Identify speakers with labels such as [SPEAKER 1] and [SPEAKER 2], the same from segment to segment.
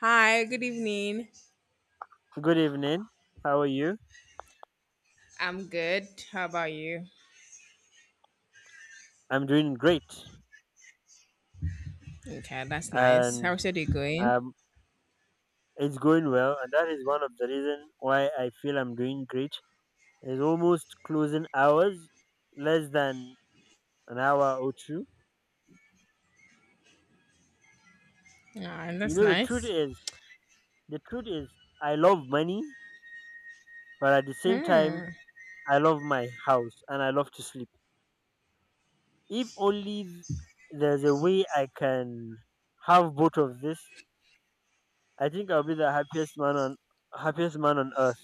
[SPEAKER 1] Hi, good evening.
[SPEAKER 2] Good evening. How are you?
[SPEAKER 1] I'm good. How about you?
[SPEAKER 2] I'm doing great,
[SPEAKER 1] Okay, that's nice.
[SPEAKER 2] and
[SPEAKER 1] How's your day going?
[SPEAKER 2] um, it's going well. And that is one of the reason why I feel I'm doing great. It's almost closing hours, less than an hour or two.
[SPEAKER 1] Ah,
[SPEAKER 2] You
[SPEAKER 1] that's
[SPEAKER 2] know,
[SPEAKER 1] nice.
[SPEAKER 2] the truth is, I love money, but at the same time,
[SPEAKER 1] Mm.
[SPEAKER 2] I love my house and I love to sleep. If only there's a way I can have both of this, I think I'll be the happiest man on earth.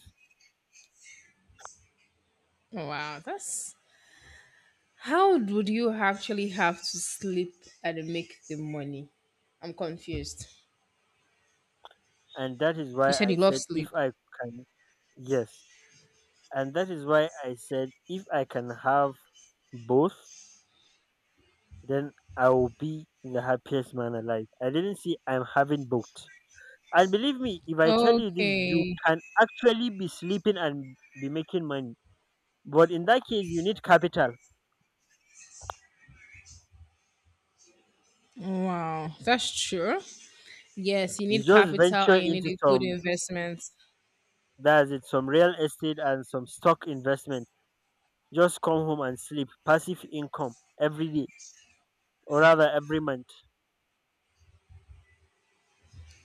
[SPEAKER 1] Wow, that's how would you actually have to sleep and make the money? I'm confused.
[SPEAKER 2] And that is why
[SPEAKER 1] You said
[SPEAKER 2] I
[SPEAKER 1] you love
[SPEAKER 2] said
[SPEAKER 1] sleep.
[SPEAKER 2] if I can, yes, and that is why I said if I can have both. Then I will be the happiest man alive. I didn't see I'm having both. And believe me, if I tell you this, you
[SPEAKER 1] Okay.
[SPEAKER 2] can actually be sleeping and be making money. But in that case, you need capital.
[SPEAKER 1] Wow, that's true. Yes, you
[SPEAKER 2] You
[SPEAKER 1] need
[SPEAKER 2] just
[SPEAKER 1] capital
[SPEAKER 2] venture
[SPEAKER 1] and you need
[SPEAKER 2] into
[SPEAKER 1] a good
[SPEAKER 2] some,
[SPEAKER 1] investment.
[SPEAKER 2] that's it, some real estate and some stock investment. Just come home and sleep. Passive income every day, or rather every month,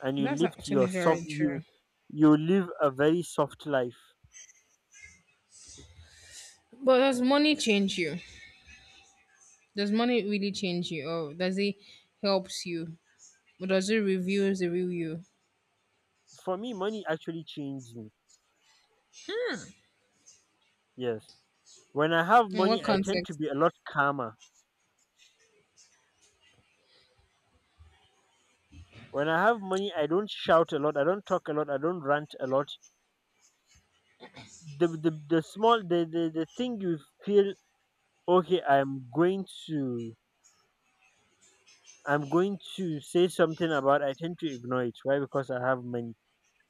[SPEAKER 2] and you
[SPEAKER 1] That's
[SPEAKER 2] lived
[SPEAKER 1] actually
[SPEAKER 2] your soft,
[SPEAKER 1] very
[SPEAKER 2] you
[SPEAKER 1] true.
[SPEAKER 2] you live a very soft life.
[SPEAKER 1] But does money change you? Does money really change you, or does it helps you, or does it reveals the real you?
[SPEAKER 2] For me, money actually changed me. Yes, when I have
[SPEAKER 1] In
[SPEAKER 2] money,
[SPEAKER 1] what
[SPEAKER 2] I tend to
[SPEAKER 1] context?
[SPEAKER 2] be a lot calmer. When I have money, I don't shout a lot, I don't talk a lot, I don't rant a lot. The small, the thing you feel, okay, I'm going to say something about. I tend to ignore it. Why? Because I have money.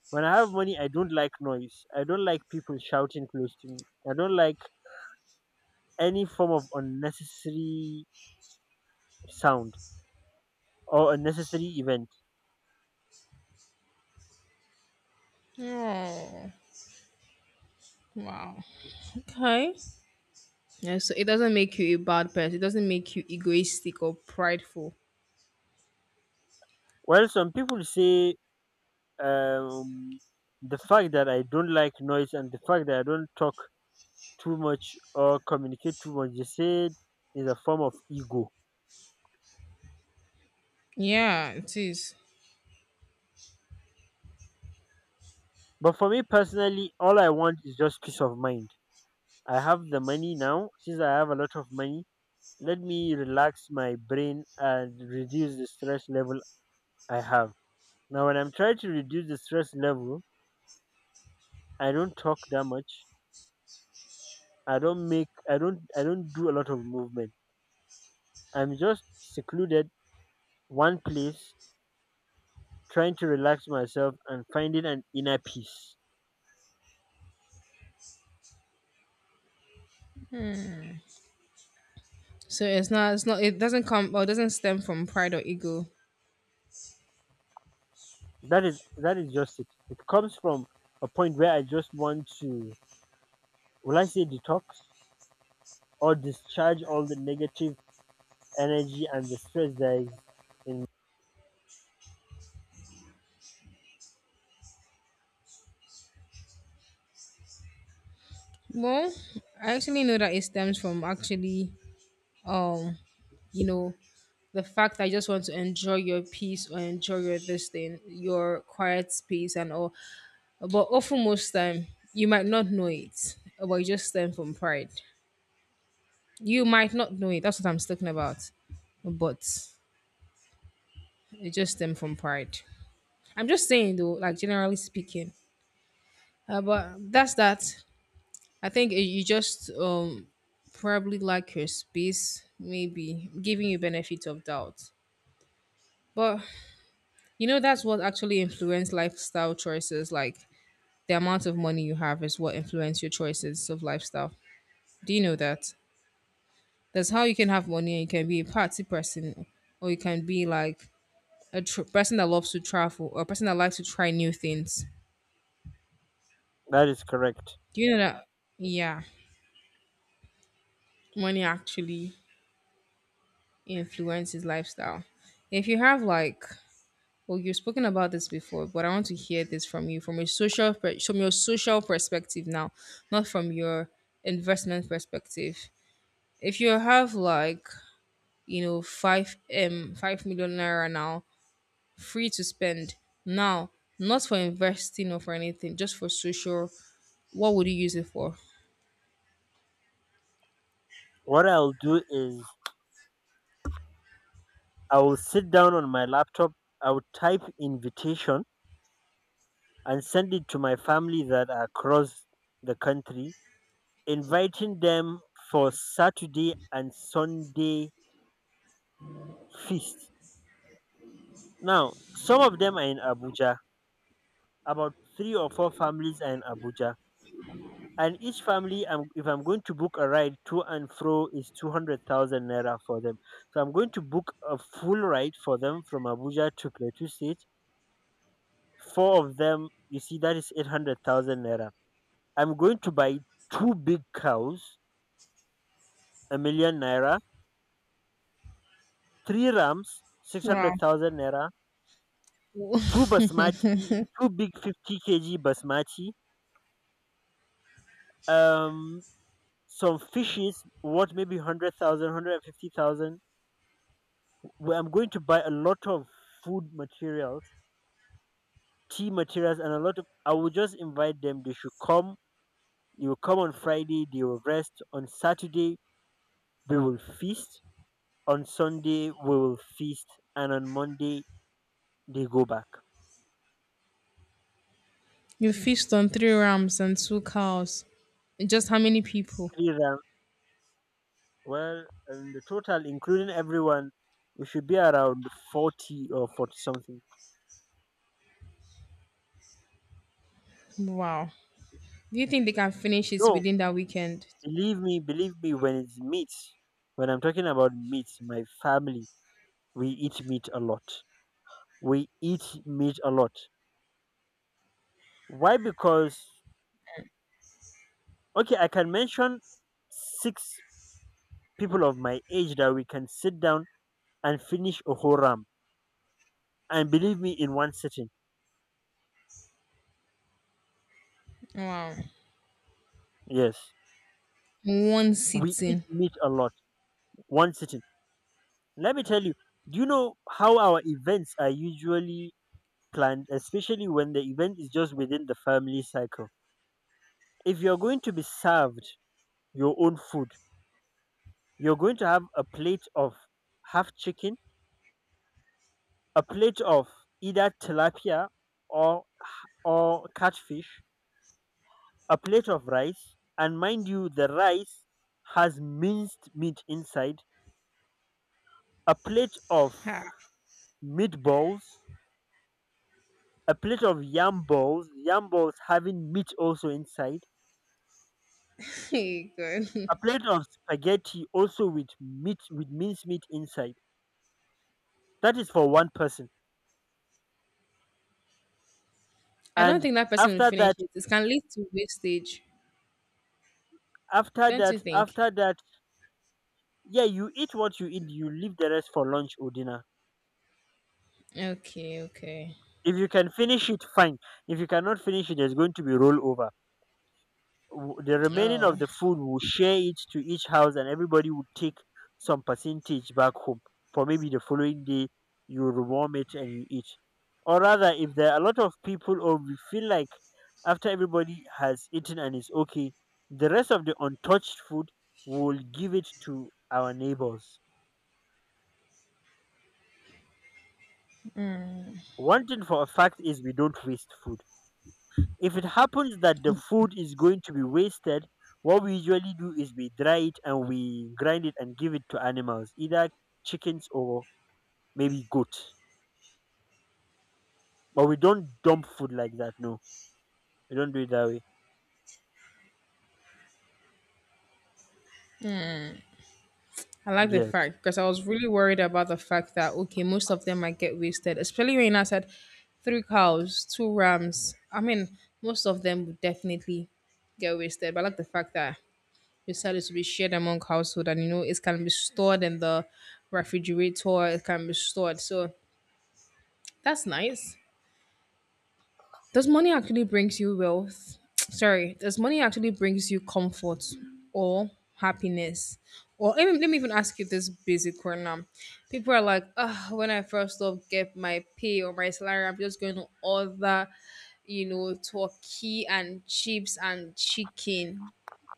[SPEAKER 2] When I have money, I don't like noise, I don't like people shouting close to me. I don't like any form of unnecessary sound or unnecessary event.
[SPEAKER 1] Oh, wow. Okay. Yeah, so it doesn't make you a bad person. It doesn't make you egoistic or prideful.
[SPEAKER 2] Well, some people say um, the fact that I don't like noise and the fact that I don't talk too much or communicate too much, they say is a form of ego.
[SPEAKER 1] Yeah, it is.
[SPEAKER 2] But for me personally, all I want is just peace of mind. I have the money now. Since I have a lot of money, let me relax my brain and reduce the stress level I have. Now, when I'm trying to reduce the stress level, I don't talk that much. I don't make I don't do a lot of movement. I'm just secluded one place, trying to relax myself and finding an inner peace.
[SPEAKER 1] So it's not. It's not. It doesn't come or it doesn't stem from pride or ego.
[SPEAKER 2] That is just it. It comes from a point where I just want to, will I say, detox or discharge all the negative energy and the stress that is in.
[SPEAKER 1] Well, I actually know that it stems from actually, um, you know, the fact I just want to enjoy your peace or enjoy your this thing, your quiet space and all. But often most time you might not know it, but you just stem from pride. You might not know it. That's what I'm talking about. But it just stem from pride. I'm just saying though, like generally speaking. But that's that. I think you just probably like your space, maybe giving you benefit of doubt. But you know that's what actually influence lifestyle choices. Like the amount of money you have is what influence your choices of lifestyle. Do you know that? That's how you can have money and you can be a party person, or you can be like a person that loves to travel, or a person that likes to try new things.
[SPEAKER 2] That is correct.
[SPEAKER 1] Do you know that? Yeah, money actually influences lifestyle. If you have like, well, you've spoken about this before, but I want to hear this from you from a from your social perspective now, not from your investment perspective. If you have like you know, five million naira now, free to spend now, not for investing or for anything, just for social. What would you use it for?
[SPEAKER 2] What I'll do is, I will sit down on my laptop, I will type invitation and send it to my family that are across the country, inviting them for Saturday and Sunday feast. Now, some of them are in Abuja. About three or four families are in Abuja. And each family, if I'm going to book a ride to and fro, is 200,000 naira for them. So I'm going to book a full ride for them from Abuja to Plateau State. Four of them, you see, that is 800,000 naira. I'm going to buy two big cows, 1 million naira, three rams,
[SPEAKER 1] Wow.
[SPEAKER 2] 600,000 naira, two basmati, two big 50 kg basmati, um, some fishes, what maybe 100,000, 150,000. Where I'm going to buy a lot of food materials, tea materials, and a lot of. I will just invite them. They should come. You will come on Friday. They will rest. On Saturday, we will feast. On Sunday, we will feast. And on Monday, they go back.
[SPEAKER 1] You feast on three rams and two cows. Just how many people?
[SPEAKER 2] Three rounds. Well, in the total, including everyone, we should be around 40 or 40 something.
[SPEAKER 1] Wow. Do you think they can finish it
[SPEAKER 2] No,
[SPEAKER 1] within that weekend?
[SPEAKER 2] believe me, when it's meat, when I'm talking about meat, my family, we eat meat a lot. We eat meat a lot. Why? Because, okay, I can mention six people of my age that we can sit down and finish a whole ram. And believe me, in one sitting.
[SPEAKER 1] Wow.
[SPEAKER 2] Yes.
[SPEAKER 1] One
[SPEAKER 2] We eat
[SPEAKER 1] sitting.
[SPEAKER 2] meat a lot. One sitting. Let me tell you, do you know how our events are usually planned, especially when the event is just within the family cycle? If you're going to be served your own food, you're going to have a plate of half chicken, a plate of either tilapia or or catfish, a plate of rice, and mind you, the rice has minced meat inside, a plate of
[SPEAKER 1] Ha.
[SPEAKER 2] meatballs, a plate of yam balls having meat also inside,
[SPEAKER 1] Hey, God.
[SPEAKER 2] a plate of spaghetti also with meat, with minced meat inside. That is for one person.
[SPEAKER 1] I don't
[SPEAKER 2] And
[SPEAKER 1] think that person will
[SPEAKER 2] after
[SPEAKER 1] finish
[SPEAKER 2] that,
[SPEAKER 1] it. It can lead to wastage. Don't you think?
[SPEAKER 2] after that, yeah, you eat what you eat, you leave the rest for lunch or dinner.
[SPEAKER 1] Okay, okay.
[SPEAKER 2] If you can finish it, fine. If you cannot finish it, there's going to be rollover. The remaining of
[SPEAKER 1] Oh.
[SPEAKER 2] the food, will share it to each house and everybody would take some percentage back home for, maybe the following day, you rewarm it and you eat. Or rather, if there are a lot of people, or we feel like, after everybody has eaten and is okay, the rest of the untouched food, will give it to our neighbors. One thing for a fact is, we don't waste food. If it happens that the food is going to be wasted, what we usually do is we dry it and we grind it and give it to animals, either chickens or maybe goat. But we don't dump food like that. No, we don't do it that way.
[SPEAKER 1] I like the
[SPEAKER 2] Yes.
[SPEAKER 1] fact because I was really worried about the fact that okay, most of them might get wasted, especially when I said three cows, two rams. I mean, most of them would definitely get wasted. But I like the fact that you said it to be shared among household, and you know it can be stored in the refrigerator. It can be stored, so that's nice. Does money actually brings you wealth? Sorry, does money actually brings you comfort or happiness? Or let me even ask you this basic one now. People are like, ah, when I first off get my pay or my salary, I'm just going to order, turkey and chips and chicken.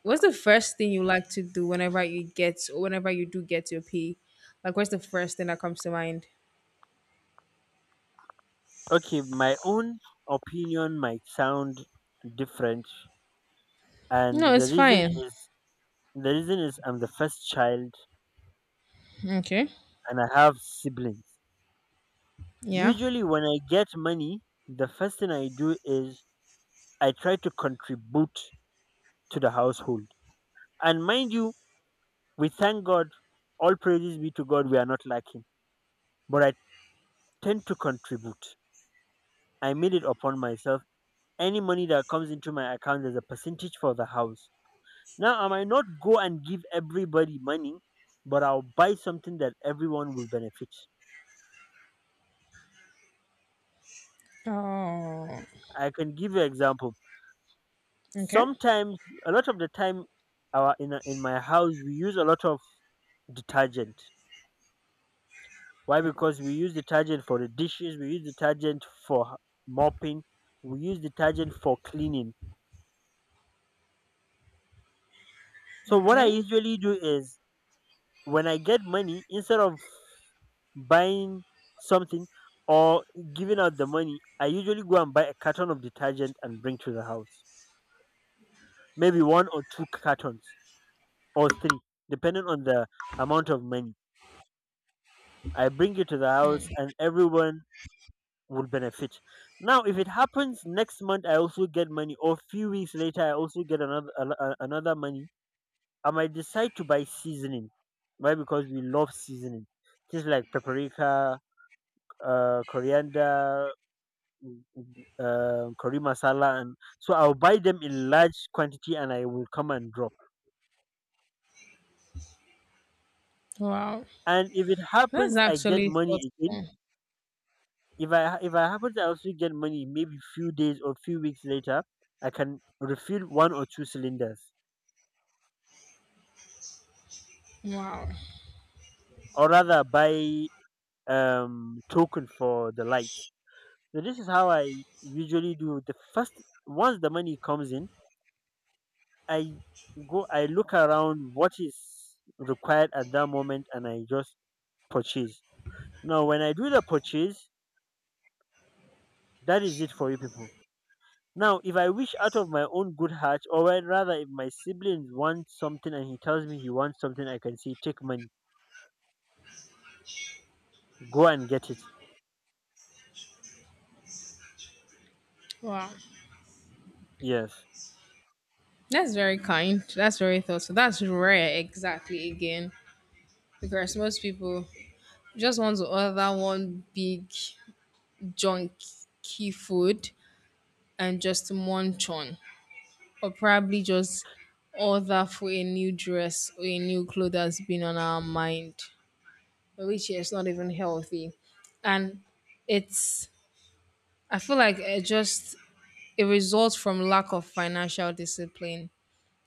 [SPEAKER 1] What's the first thing you like to do whenever you get or whenever you do get your pay? Like, what's the first thing that comes to mind?
[SPEAKER 2] Okay, my own opinion might sound different, and
[SPEAKER 1] No, it's fine.
[SPEAKER 2] the reason is I'm the first child
[SPEAKER 1] Okay.
[SPEAKER 2] and I have siblings.
[SPEAKER 1] Yeah.
[SPEAKER 2] Usually, when I get money, the first thing I do is, I try to contribute to the household. And mind you, we thank God, all praises be to God, we are not lacking. But I tend to contribute. I made it upon myself. Any money that comes into my account is a percentage for the house. Now, I might not go and give everybody money, but I'll buy something that everyone will benefit.
[SPEAKER 1] Oh.
[SPEAKER 2] I can give you an example.
[SPEAKER 1] Okay.
[SPEAKER 2] Sometimes, a lot of the time, in my house, we use a lot of detergent. Why? Because we use detergent for the dishes, we use detergent for mopping, we use detergent for cleaning. So what I
[SPEAKER 1] Okay.
[SPEAKER 2] usually do is, when I get money, instead of buying something or giving out the money, I usually go and buy a carton of detergent and bring to the house. Maybe one or two cartons, or three, depending on the amount of money. I bring it to the
[SPEAKER 1] Mm.
[SPEAKER 2] house and everyone would benefit. Now, if it happens next month I also get money, or few weeks later I also get another, another money. I might decide to buy seasoning. Why? Because we love seasoning. Things like paprika, coriander, mm, mm, curry masala, and so I'll buy them in large quantity, and I will come and drop.
[SPEAKER 1] Wow.
[SPEAKER 2] And if it
[SPEAKER 1] That's
[SPEAKER 2] happens, I get
[SPEAKER 1] actually
[SPEAKER 2] money again.
[SPEAKER 1] thoughtful.
[SPEAKER 2] If I happen to also get money, maybe few days or few weeks later, I can refill one or two cylinders,
[SPEAKER 1] Wow.
[SPEAKER 2] or rather buy token for the lights. So this is how I usually do. The first, once the money comes in, I I look around what is required at that moment and I just purchase. Now when I do the purchase, that is it for you people. Now if I wish, out of my own good heart, or I rather, if my siblings want something and he tells me he wants something, I can say, take money. Go and get it.
[SPEAKER 1] Wow.
[SPEAKER 2] Yes.
[SPEAKER 1] That's very kind. That's very thoughtful. That's rare, exactly, again. Because most people just want to order one big junky food and just munch on. Or probably just order for a new dress or a new clothes that's been on our mind, which is not even healthy. And it's, I feel like it results from lack of financial discipline.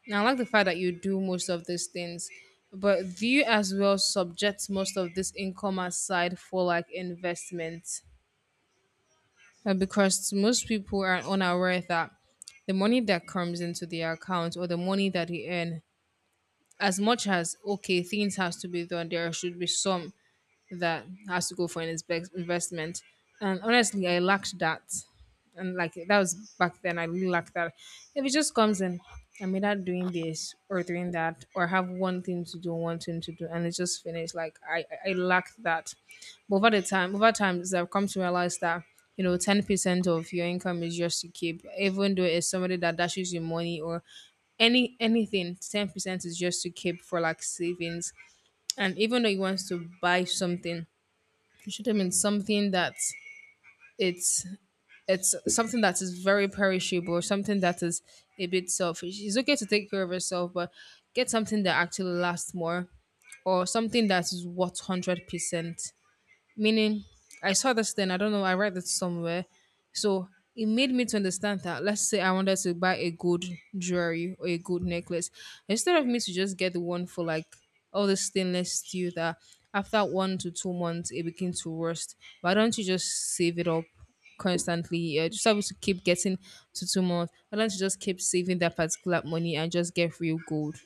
[SPEAKER 1] Now, I like the fact that you do most of these things, but do you as well subject most of this income aside for like investment? Because most people are unaware that the money that comes into their account or the money that they earn, as much as okay, things has to be done, there should be some that has to go for an investment. And honestly, I lacked that. And like that was back then, I really lacked that. If it just comes in, I'm either doing this or doing that, or have one thing to do, one thing to do, and it's just finished. Like I lacked that. But over the time, over time, I've come to realize that 10% of your income is yours to keep, even though it's somebody that dashes you money or anything. 10% is just to keep for like savings, and even though you want to buy something, you should have been something that it's it's something that is very perishable, something that is a bit selfish. It's okay to take care of yourself, but get something that actually lasts more or something that is worth 100%. Meaning, I saw this thing, I don't know, I read it somewhere. So it made me to understand that let's say I wanted to buy a good jewelry or a good necklace. Instead of me to just get the one for like all the stainless steel that after 1 to 2 months it begins to rust. Why don't you just save it up constantly? Just able to keep getting to 2 months. Why don't you just keep saving that particular money and just get real gold?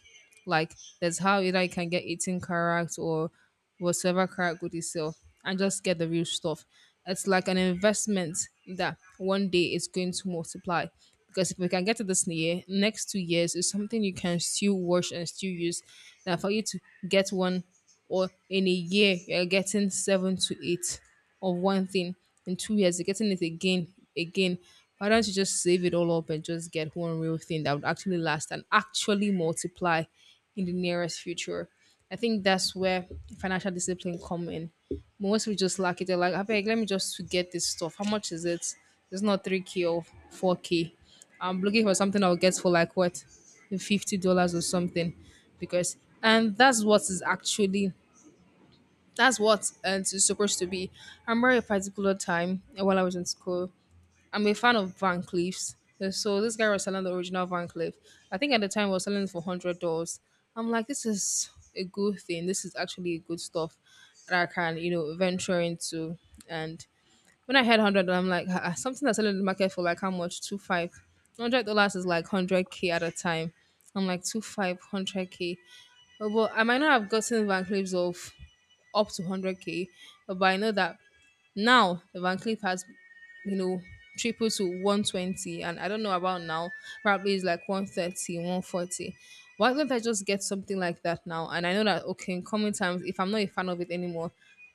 [SPEAKER 1] Like that's how either you can get 18 carats or whatever carat good you sell and just get the real stuff. It's like an investment that one day is going to multiply. Because if we can get to this year, next 2 years is something you can still wash and still use. That for you to get one or in a year you're getting seven to eight of one thing in 2 years you're getting it again. Why don't you just save it all up and just get one real thing that would actually last and actually multiply in the nearest future? I think that's where financial discipline come in. Most we just lack it. They're like, "Abeg, let me just get this stuff. How much is it? It's not 3K or 4K. I'm looking for something I'll get for like what, $50 or something?" Because and that's what is actually that's what it's supposed to be. I remember a particular time while I was in school. I'm a fan of Van Cleef's. So this guy was selling the original Van Cleef. I think at the time was selling it for $100. I'm like, this is a good thing. This is actually good stuff that I can, venture into. And when I had hundred, I'm like, "Ah, ah, something that's selling in the market for like how much? Two five." $100 is like hundred k at a time. I'm like two five hundred k. But I might not have gotten Van Cleef's of up to 100K. But I know that now the Van Cleef has, you know, tripled to 120, and I don't know about now, probably it's like 130, 140. Why don't I just get something like that now? And I know that, okay, in coming times, if I'm not a fan of it anymore,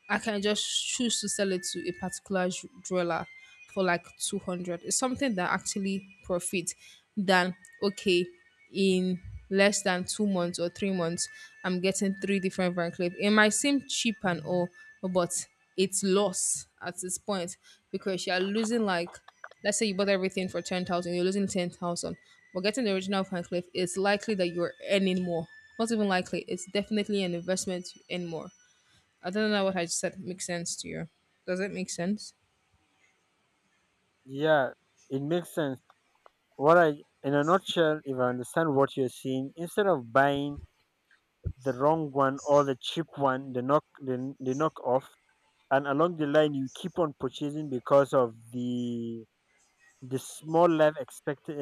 [SPEAKER 1] I can just choose to sell it to a particular jeweler for like 200. It's something that actually profit than, okay, in less than 2 months or 3 months, I'm getting three different Van Cleef. It might seem cheap and all, but it's loss at this point because you're losing like, let's say you bought everything for 10,000, you're losing 10,000. But getting the original Van Cleef, it's likely that you're earning more. Not even likely, it's definitely an investment you earn more. I don't know what I just said makes sense to you. Does it make sense?
[SPEAKER 2] Yeah, it makes sense. What I, in a nutshell, if I understand what you're saying, instead of buying the wrong one or the cheap one, the knockoff, and along the line you keep on purchasing because of the small life expect uh,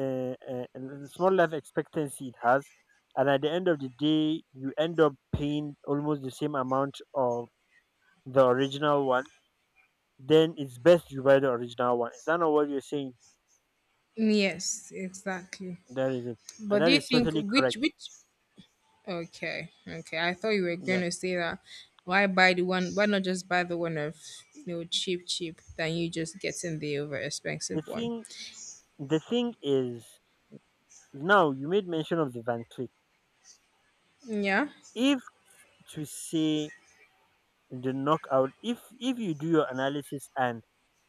[SPEAKER 2] the small life expectancy it has, and at the end of the day you end up paying almost the same amount of the original one. Then it's best you buy the original one. Is that not what you're saying?
[SPEAKER 1] Yes, exactly.
[SPEAKER 2] That is it, and
[SPEAKER 1] But do
[SPEAKER 2] that
[SPEAKER 1] you
[SPEAKER 2] is
[SPEAKER 1] think
[SPEAKER 2] totally correct.
[SPEAKER 1] which Okay, okay. I thought you were going
[SPEAKER 2] Yeah.
[SPEAKER 1] to say that. Why buy the one? Why not just buy the one of cheap, cheap than you just getting the over
[SPEAKER 2] the
[SPEAKER 1] expensive one?
[SPEAKER 2] thing the thing is now you made mention of the Van Cleef.
[SPEAKER 1] Yeah,
[SPEAKER 2] If, to say, the knockout, if you do your analysis and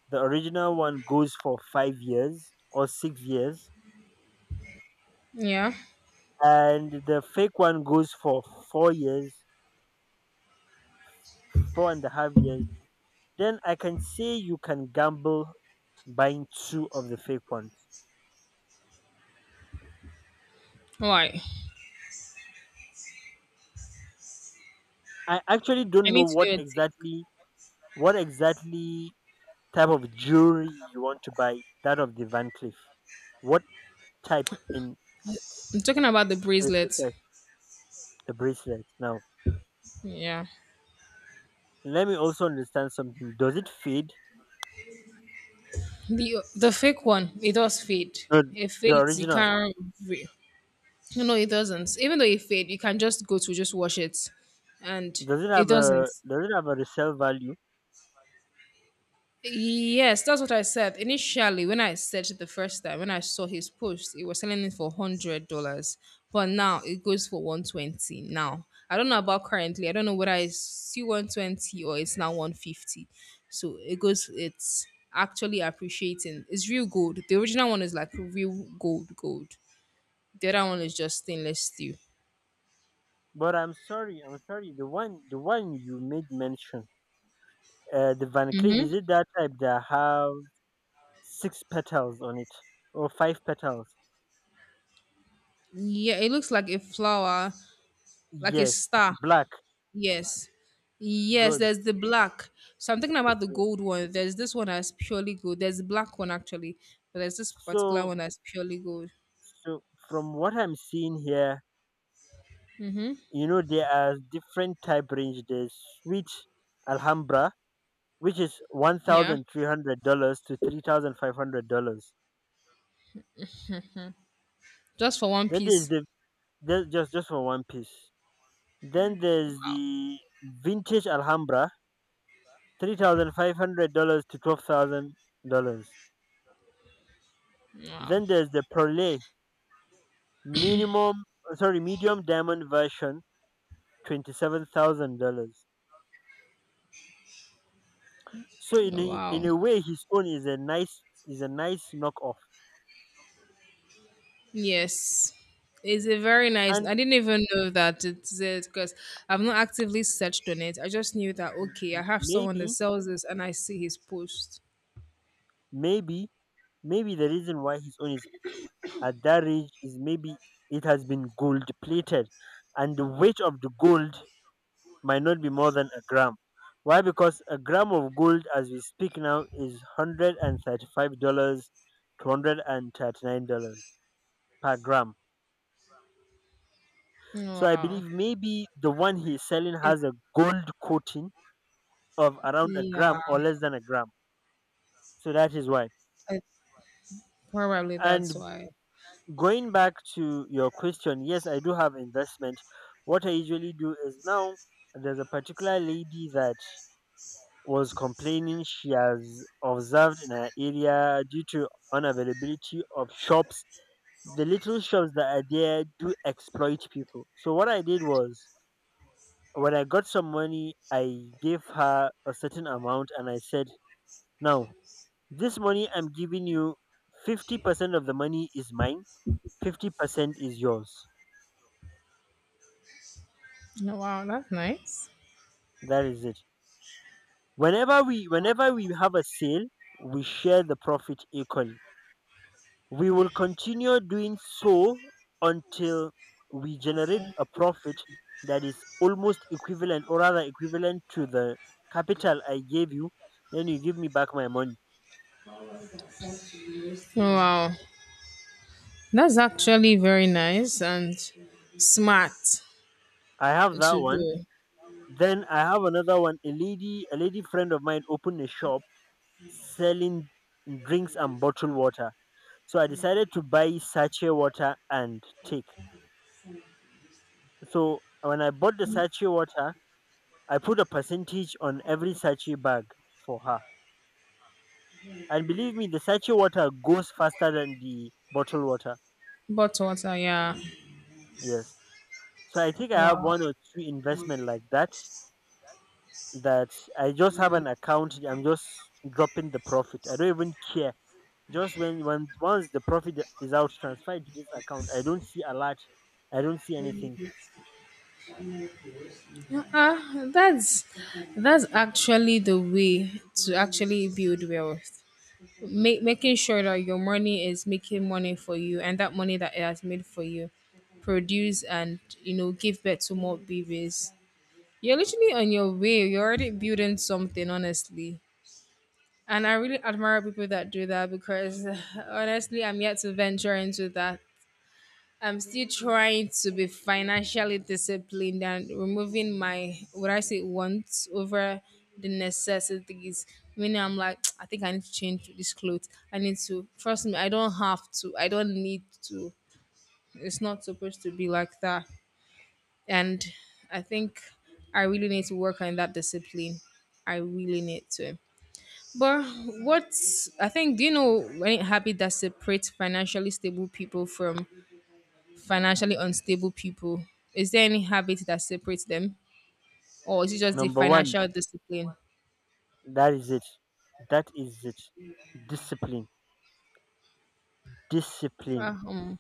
[SPEAKER 2] the original one goes for 5 years or 6 years,
[SPEAKER 1] yeah.
[SPEAKER 2] and the fake one goes for 4 years, 4.5 years, then I can say you can gamble buying two of the fake ones.
[SPEAKER 1] Why?
[SPEAKER 2] I actually
[SPEAKER 1] I
[SPEAKER 2] don't know
[SPEAKER 1] need to do a take.
[SPEAKER 2] what exactly type of jewelry you want to buy, that of the Van Cleef. What type in
[SPEAKER 1] I'm talking about the
[SPEAKER 2] to
[SPEAKER 1] bracelet.
[SPEAKER 2] replace the bracelet. Now,
[SPEAKER 1] Yeah,
[SPEAKER 2] let me also understand something. Does it fade?
[SPEAKER 1] the fake one. It does fade.
[SPEAKER 2] No,
[SPEAKER 1] It
[SPEAKER 2] the
[SPEAKER 1] fades. You
[SPEAKER 2] original.
[SPEAKER 1] can't. re- No, no, it doesn't. Even though it fade, you can just go to just wash it, and it doesn't.
[SPEAKER 2] Does it have a resale value?
[SPEAKER 1] Yes, that's what I said. Initially, when I searched it the first time, when I saw his post, it was selling it for $100, but now it goes for 120. Now I don't know about currently. I don't know whether it's still 120 or it's now 150. So it goes. It's actually appreciating. It's real gold. The original one is like real gold, gold. The other one is just stainless steel.
[SPEAKER 2] But I'm sorry, I'm sorry. The one you made mention, the Van Cleef,
[SPEAKER 1] Mm-hmm.
[SPEAKER 2] is it that type that have six petals on it or five petals?
[SPEAKER 1] Yeah, it looks like a flower, like a
[SPEAKER 2] Yes,
[SPEAKER 1] star.
[SPEAKER 2] black.
[SPEAKER 1] Yes. Yes,
[SPEAKER 2] Good.
[SPEAKER 1] there's the black. So I'm thinking about the
[SPEAKER 2] Good.
[SPEAKER 1] gold one. There's this one that's purely gold. There's the black one actually, but there's this particular
[SPEAKER 2] So
[SPEAKER 1] one that's purely gold.
[SPEAKER 2] so from what I'm seeing here,
[SPEAKER 1] Mm-hmm.
[SPEAKER 2] there are different type range. There's sweet Alhambra, which is one
[SPEAKER 1] Yeah.
[SPEAKER 2] thousand three hundred dollars to $3,500.
[SPEAKER 1] Just for one
[SPEAKER 2] Then there's
[SPEAKER 1] piece.
[SPEAKER 2] the there's just for one piece. Then there's the vintage Alhambra, $3,500 to $12,000.
[SPEAKER 1] Wow.
[SPEAKER 2] Then there's the Perle minimum sorry medium diamond version, $27,000. So in a, in
[SPEAKER 1] Wow.
[SPEAKER 2] a way, his own is a nice knockoff,
[SPEAKER 1] Yes. It's a very nice.
[SPEAKER 2] and
[SPEAKER 1] I didn't even know that it's it because I've not actively searched on it. I just knew that okay, I have someone that
[SPEAKER 2] maybe
[SPEAKER 1] sells this and I see his post.
[SPEAKER 2] maybe maybe the reason why his own is at that age is maybe it has been gold plated, and the weight of the gold might not be more than a gram. Why? Because a gram of gold as we speak now is $135 to $139 per gram, so I
[SPEAKER 1] Wow.
[SPEAKER 2] believe maybe the one he's selling
[SPEAKER 1] It,
[SPEAKER 2] has a gold coating of around a
[SPEAKER 1] yeah.
[SPEAKER 2] gram or less than a gram. So that is why.
[SPEAKER 1] It's probably that's
[SPEAKER 2] And
[SPEAKER 1] why.
[SPEAKER 2] going back to your question, yes, I do have investment. What I usually do is, now, there's a particular lady that was complaining she has observed in her area due to unavailability of shops. The little shops that are there do exploit people. So what I did was, when I got some money, I gave her a certain amount and I said, now, this money I'm giving you, 50% of the money is mine, 50% is yours.
[SPEAKER 1] Oh, wow, that's nice.
[SPEAKER 2] That is it. Whenever we have a sale, we share the profit equally. We will continue doing so until we generate a profit that is almost equivalent, or rather equivalent to the capital I gave you. Then you give me back my money.
[SPEAKER 1] Oh, wow, that's actually very nice and smart
[SPEAKER 2] I have that
[SPEAKER 1] to
[SPEAKER 2] one.
[SPEAKER 1] do.
[SPEAKER 2] Then I have another one. A lady friend of mine opened a shop selling drinks and bottled water. So I decided to buy sachet water and take. So when I bought the sachet water, I put a percentage on every sachet bag for her. And believe me, the sachet water goes faster than the bottled water.
[SPEAKER 1] But water, yeah.
[SPEAKER 2] Yes. So I think I have
[SPEAKER 1] Wow,
[SPEAKER 2] one or two investment like that that I just have an account. I'm just dropping the profit. I don't even care. Just when once the profit is out, transferred to this account, I don't see a lot. I don't see anything.
[SPEAKER 1] uh, that's that's actually the way to actually build wealth. Make, making sure that your money is making money for you, and that money that it has made for you, produce and give birth to more babies. You're literally on your way. You're already building something, honestly. And I really admire people that do that because honestly, I'm yet to venture into that. I'm still trying to be financially disciplined and removing my, what I say, wants over the necessities. Meaning, I'm like, I think I need to change this clothes. I need to, trust me, I don't have to. I don't need to. It's not supposed to be like that. And I think I really need to work on that discipline. I really need to. But what's I think do you know any habit that separates financially stable people from financially unstable people? Is there any habit that separates them, or is it just the
[SPEAKER 2] Number one,
[SPEAKER 1] financial discipline?
[SPEAKER 2] that is it. That is it. Discipline. Discipline.
[SPEAKER 1] Ah, um,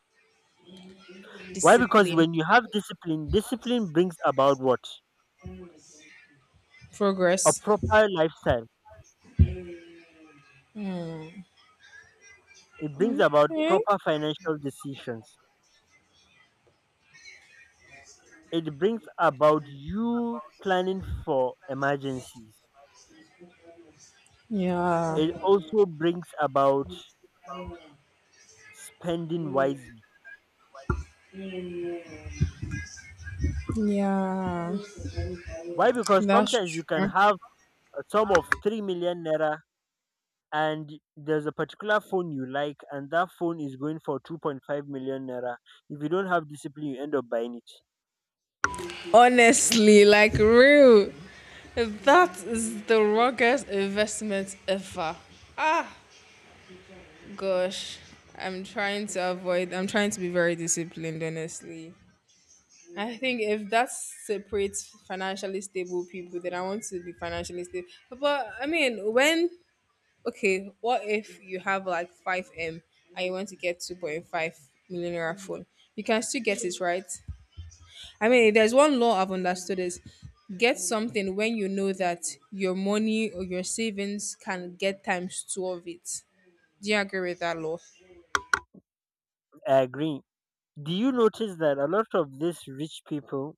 [SPEAKER 2] Why? Because
[SPEAKER 1] Discipline,
[SPEAKER 2] when you have discipline, discipline brings about what? A
[SPEAKER 1] progress?
[SPEAKER 2] proper lifestyle. It brings about
[SPEAKER 1] Okay.
[SPEAKER 2] proper financial decisions. It brings about you planning for emergencies.
[SPEAKER 1] Yeah.
[SPEAKER 2] It also brings about spending wisely.
[SPEAKER 1] Yeah.
[SPEAKER 2] Why? Because
[SPEAKER 1] That's
[SPEAKER 2] sometimes you can
[SPEAKER 1] true.
[SPEAKER 2] have a sum of 3 million naira and there's a particular phone you like and that phone is going for 2.5 million naira. If you don't have discipline, you end up buying it.
[SPEAKER 1] Honestly, like real. That is the ruggedest investment ever. Ah. Gosh, I'm trying to avoid, I'm trying to be very disciplined, honestly. I think if that separates financially stable people, then I want to be financially stable. But I mean, when, okay, what if you have like 5M and you want to get 2.5 million naira phone? You can still get it, right? I mean, there's one law I've understood is get something when you know that your money or your savings can get times two of it. Do you agree with that law?
[SPEAKER 2] I agree. Do you notice that a lot of these rich people,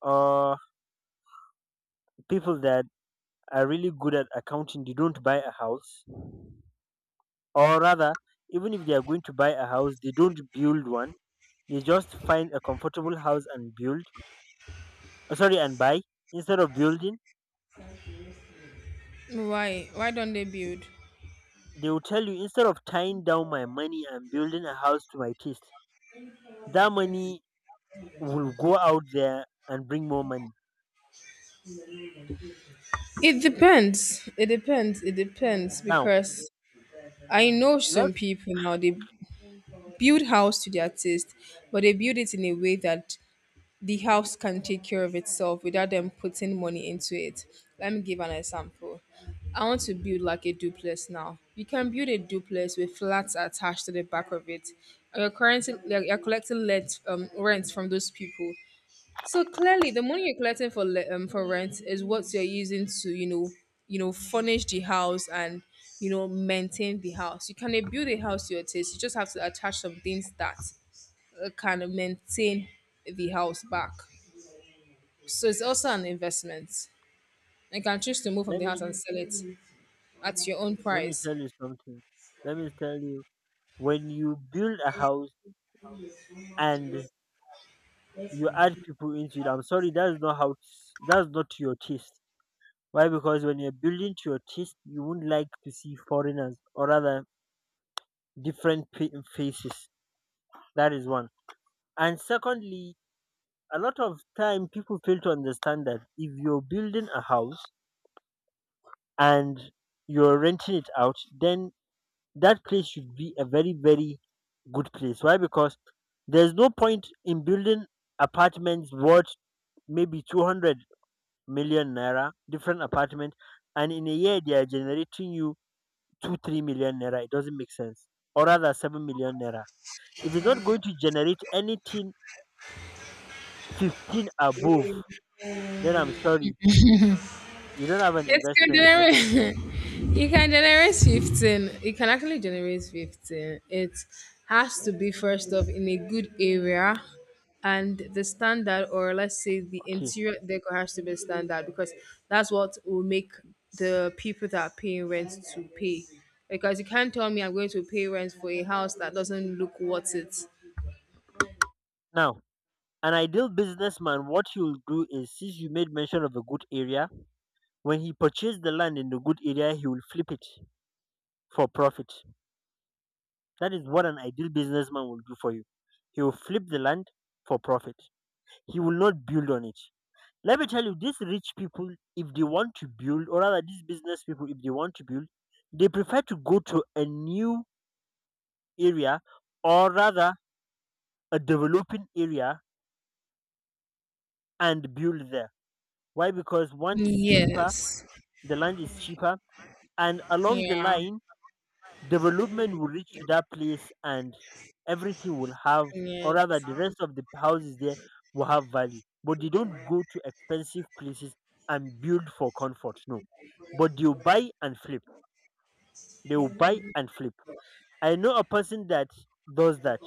[SPEAKER 2] or people that are really good at accounting, they don't buy a house? Or rather, even if they are going to buy a house, they don't build one. They just find a comfortable house and build, sorry, and buy, instead of building.
[SPEAKER 1] Why? Why don't they build?
[SPEAKER 2] They will tell you, instead of tying down my money and building a house to my taste, that money will go out there and bring more money.
[SPEAKER 1] It depends. It depends. It depends
[SPEAKER 2] Now,
[SPEAKER 1] because I know some
[SPEAKER 2] let's
[SPEAKER 1] people now they build house to their taste, but they build it in a way that the house can take care of itself without them putting money into it. Let me give an example. I want to build like a duplex now. You can build a duplex with flats attached to the back of it. And you're currently you're collecting let rent from those people. So clearly, the money you're collecting for for rent is what you're using to furnish the house and maintain the house. You can build a house to your taste. You just have to attach some things that can maintain the house back. So it's also an investment. You can choose to move from
[SPEAKER 2] let
[SPEAKER 1] the house
[SPEAKER 2] me
[SPEAKER 1] and sell it at your own
[SPEAKER 2] let me
[SPEAKER 1] price.
[SPEAKER 2] tell you something. Let me tell you, when you build a house and you add people into it, I'm sorry, that's not how. That's not to your taste. Why? Because when you're building to your taste, you wouldn't like to see foreigners, or rather different faces. That is one. And secondly, a lot of time people fail to understand that if you're building a house and you're renting it out, then that place should be a very, very good place. Why? Because there's no point in building apartments worth maybe 200 million naira, different apartment, and in a year they are generating you two, 3 million naira. It doesn't make sense. Or rather, 7 million naira. If it's not going to generate anything 15 above, then I'm sorry, you don't have an
[SPEAKER 1] It can
[SPEAKER 2] investment there.
[SPEAKER 1] generate. You can generate 15. It can actually generate 15. It has to be first off in a good area, and the standard, or let's say the
[SPEAKER 2] Okay.
[SPEAKER 1] interior decor, has to be standard because that's what will make the people that are paying rent to pay. Because you can't tell me I'm going to pay rent for a house that doesn't look worth it.
[SPEAKER 2] Now, an ideal businessman, what he will do is, since you made mention of a good area, when he purchased the land in the good area, he will flip it for profit. That is what an ideal businessman will do for you. He will flip the land for profit. He will not build on it. Let me tell you, these rich people, if they want to build, or rather, these business people, if they want to build, they prefer to go to a new area, or rather a developing area, and build there. Why? Because one is cheaper,
[SPEAKER 1] Yes.
[SPEAKER 2] the land is cheaper, and along the
[SPEAKER 1] Yeah.
[SPEAKER 2] line, development will reach to that place and everything will have,
[SPEAKER 1] Yeah.
[SPEAKER 2] or rather, the rest of the houses there will have value. But they don't go to expensive places and build for comfort, no. But you buy and flip. They will buy and flip. I know a person that does that.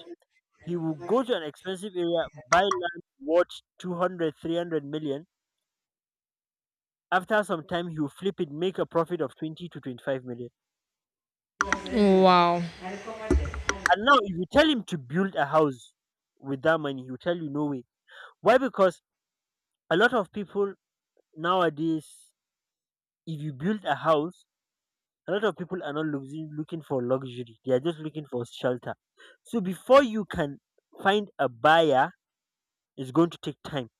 [SPEAKER 2] He will go to an expensive area, buy land worth 200, 300 million. After some time, he will flip it, make a profit of 20 to 25 million.
[SPEAKER 1] Wow.
[SPEAKER 2] And now, if you tell him to build a house with that money, he will tell you no way. Why? Because a lot of people nowadays, if you build a house, a lot of people are not looking for luxury. They are just looking for shelter. So before you can find a buyer, it's going to take time.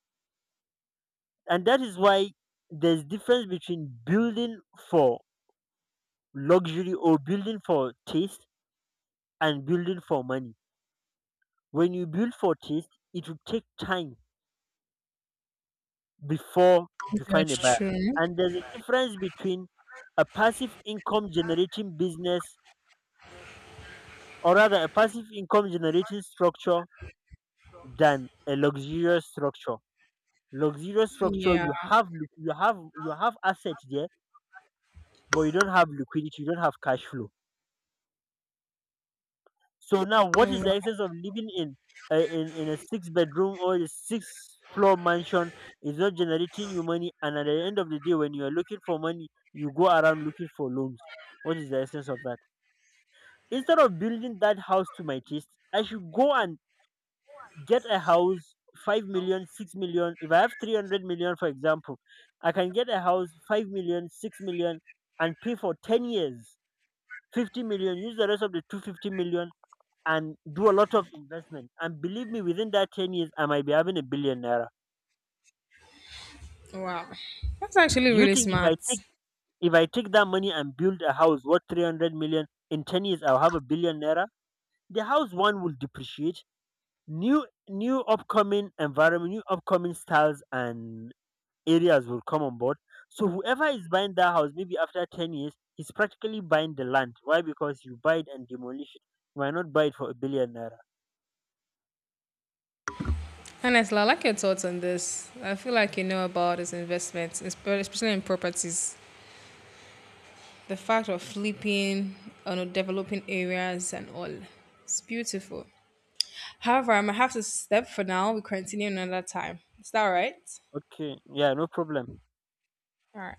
[SPEAKER 2] And that is why there's difference between building for luxury or building for taste, and building for money. When you build for taste, it will take time before you find a buyer.
[SPEAKER 1] That's true.
[SPEAKER 2] And there's a difference between a passive income generating business, or rather a passive income generating structure, than a luxurious structure. Luxurious structure,
[SPEAKER 1] Yeah.
[SPEAKER 2] you have you have assets there, but you don't have liquidity, you don't have cash flow. So now, what is the essence of living in a six bedroom or a six floor mansion? Is not generating you money, and at the end of the day, when you are looking for money, you go around looking for loans. What is the essence of that? Instead of building that house to my taste, I should go and get a house. 5 million, 6 million. If I have 300 million for example, I can get a house 5 million, 6 million, and pay for 10 years 50 million. Use the rest of the 250 million and do a lot of investment. And believe me, within that 10 years, I might be having a billion naira.
[SPEAKER 1] Wow, that's actually
[SPEAKER 2] Do you
[SPEAKER 1] really
[SPEAKER 2] think
[SPEAKER 1] smart.
[SPEAKER 2] if I take that money and build a house worth 300 million in 10 years, I'll have a billion naira? The house one will depreciate. New upcoming environment, new upcoming styles and areas will come on board. So whoever is buying that house, maybe after 10 years, he's practically buying the land. Why? Because you buy it and demolish it. Why not buy it for a billion naira?
[SPEAKER 1] Honestly, I like your thoughts on this. I feel like you know about this investment, especially in properties. The fact of flipping on developing areas and all. It's beautiful. However, I might have to step for now. We continue another time. Is that all right?
[SPEAKER 2] Okay, yeah, no problem.
[SPEAKER 1] All right.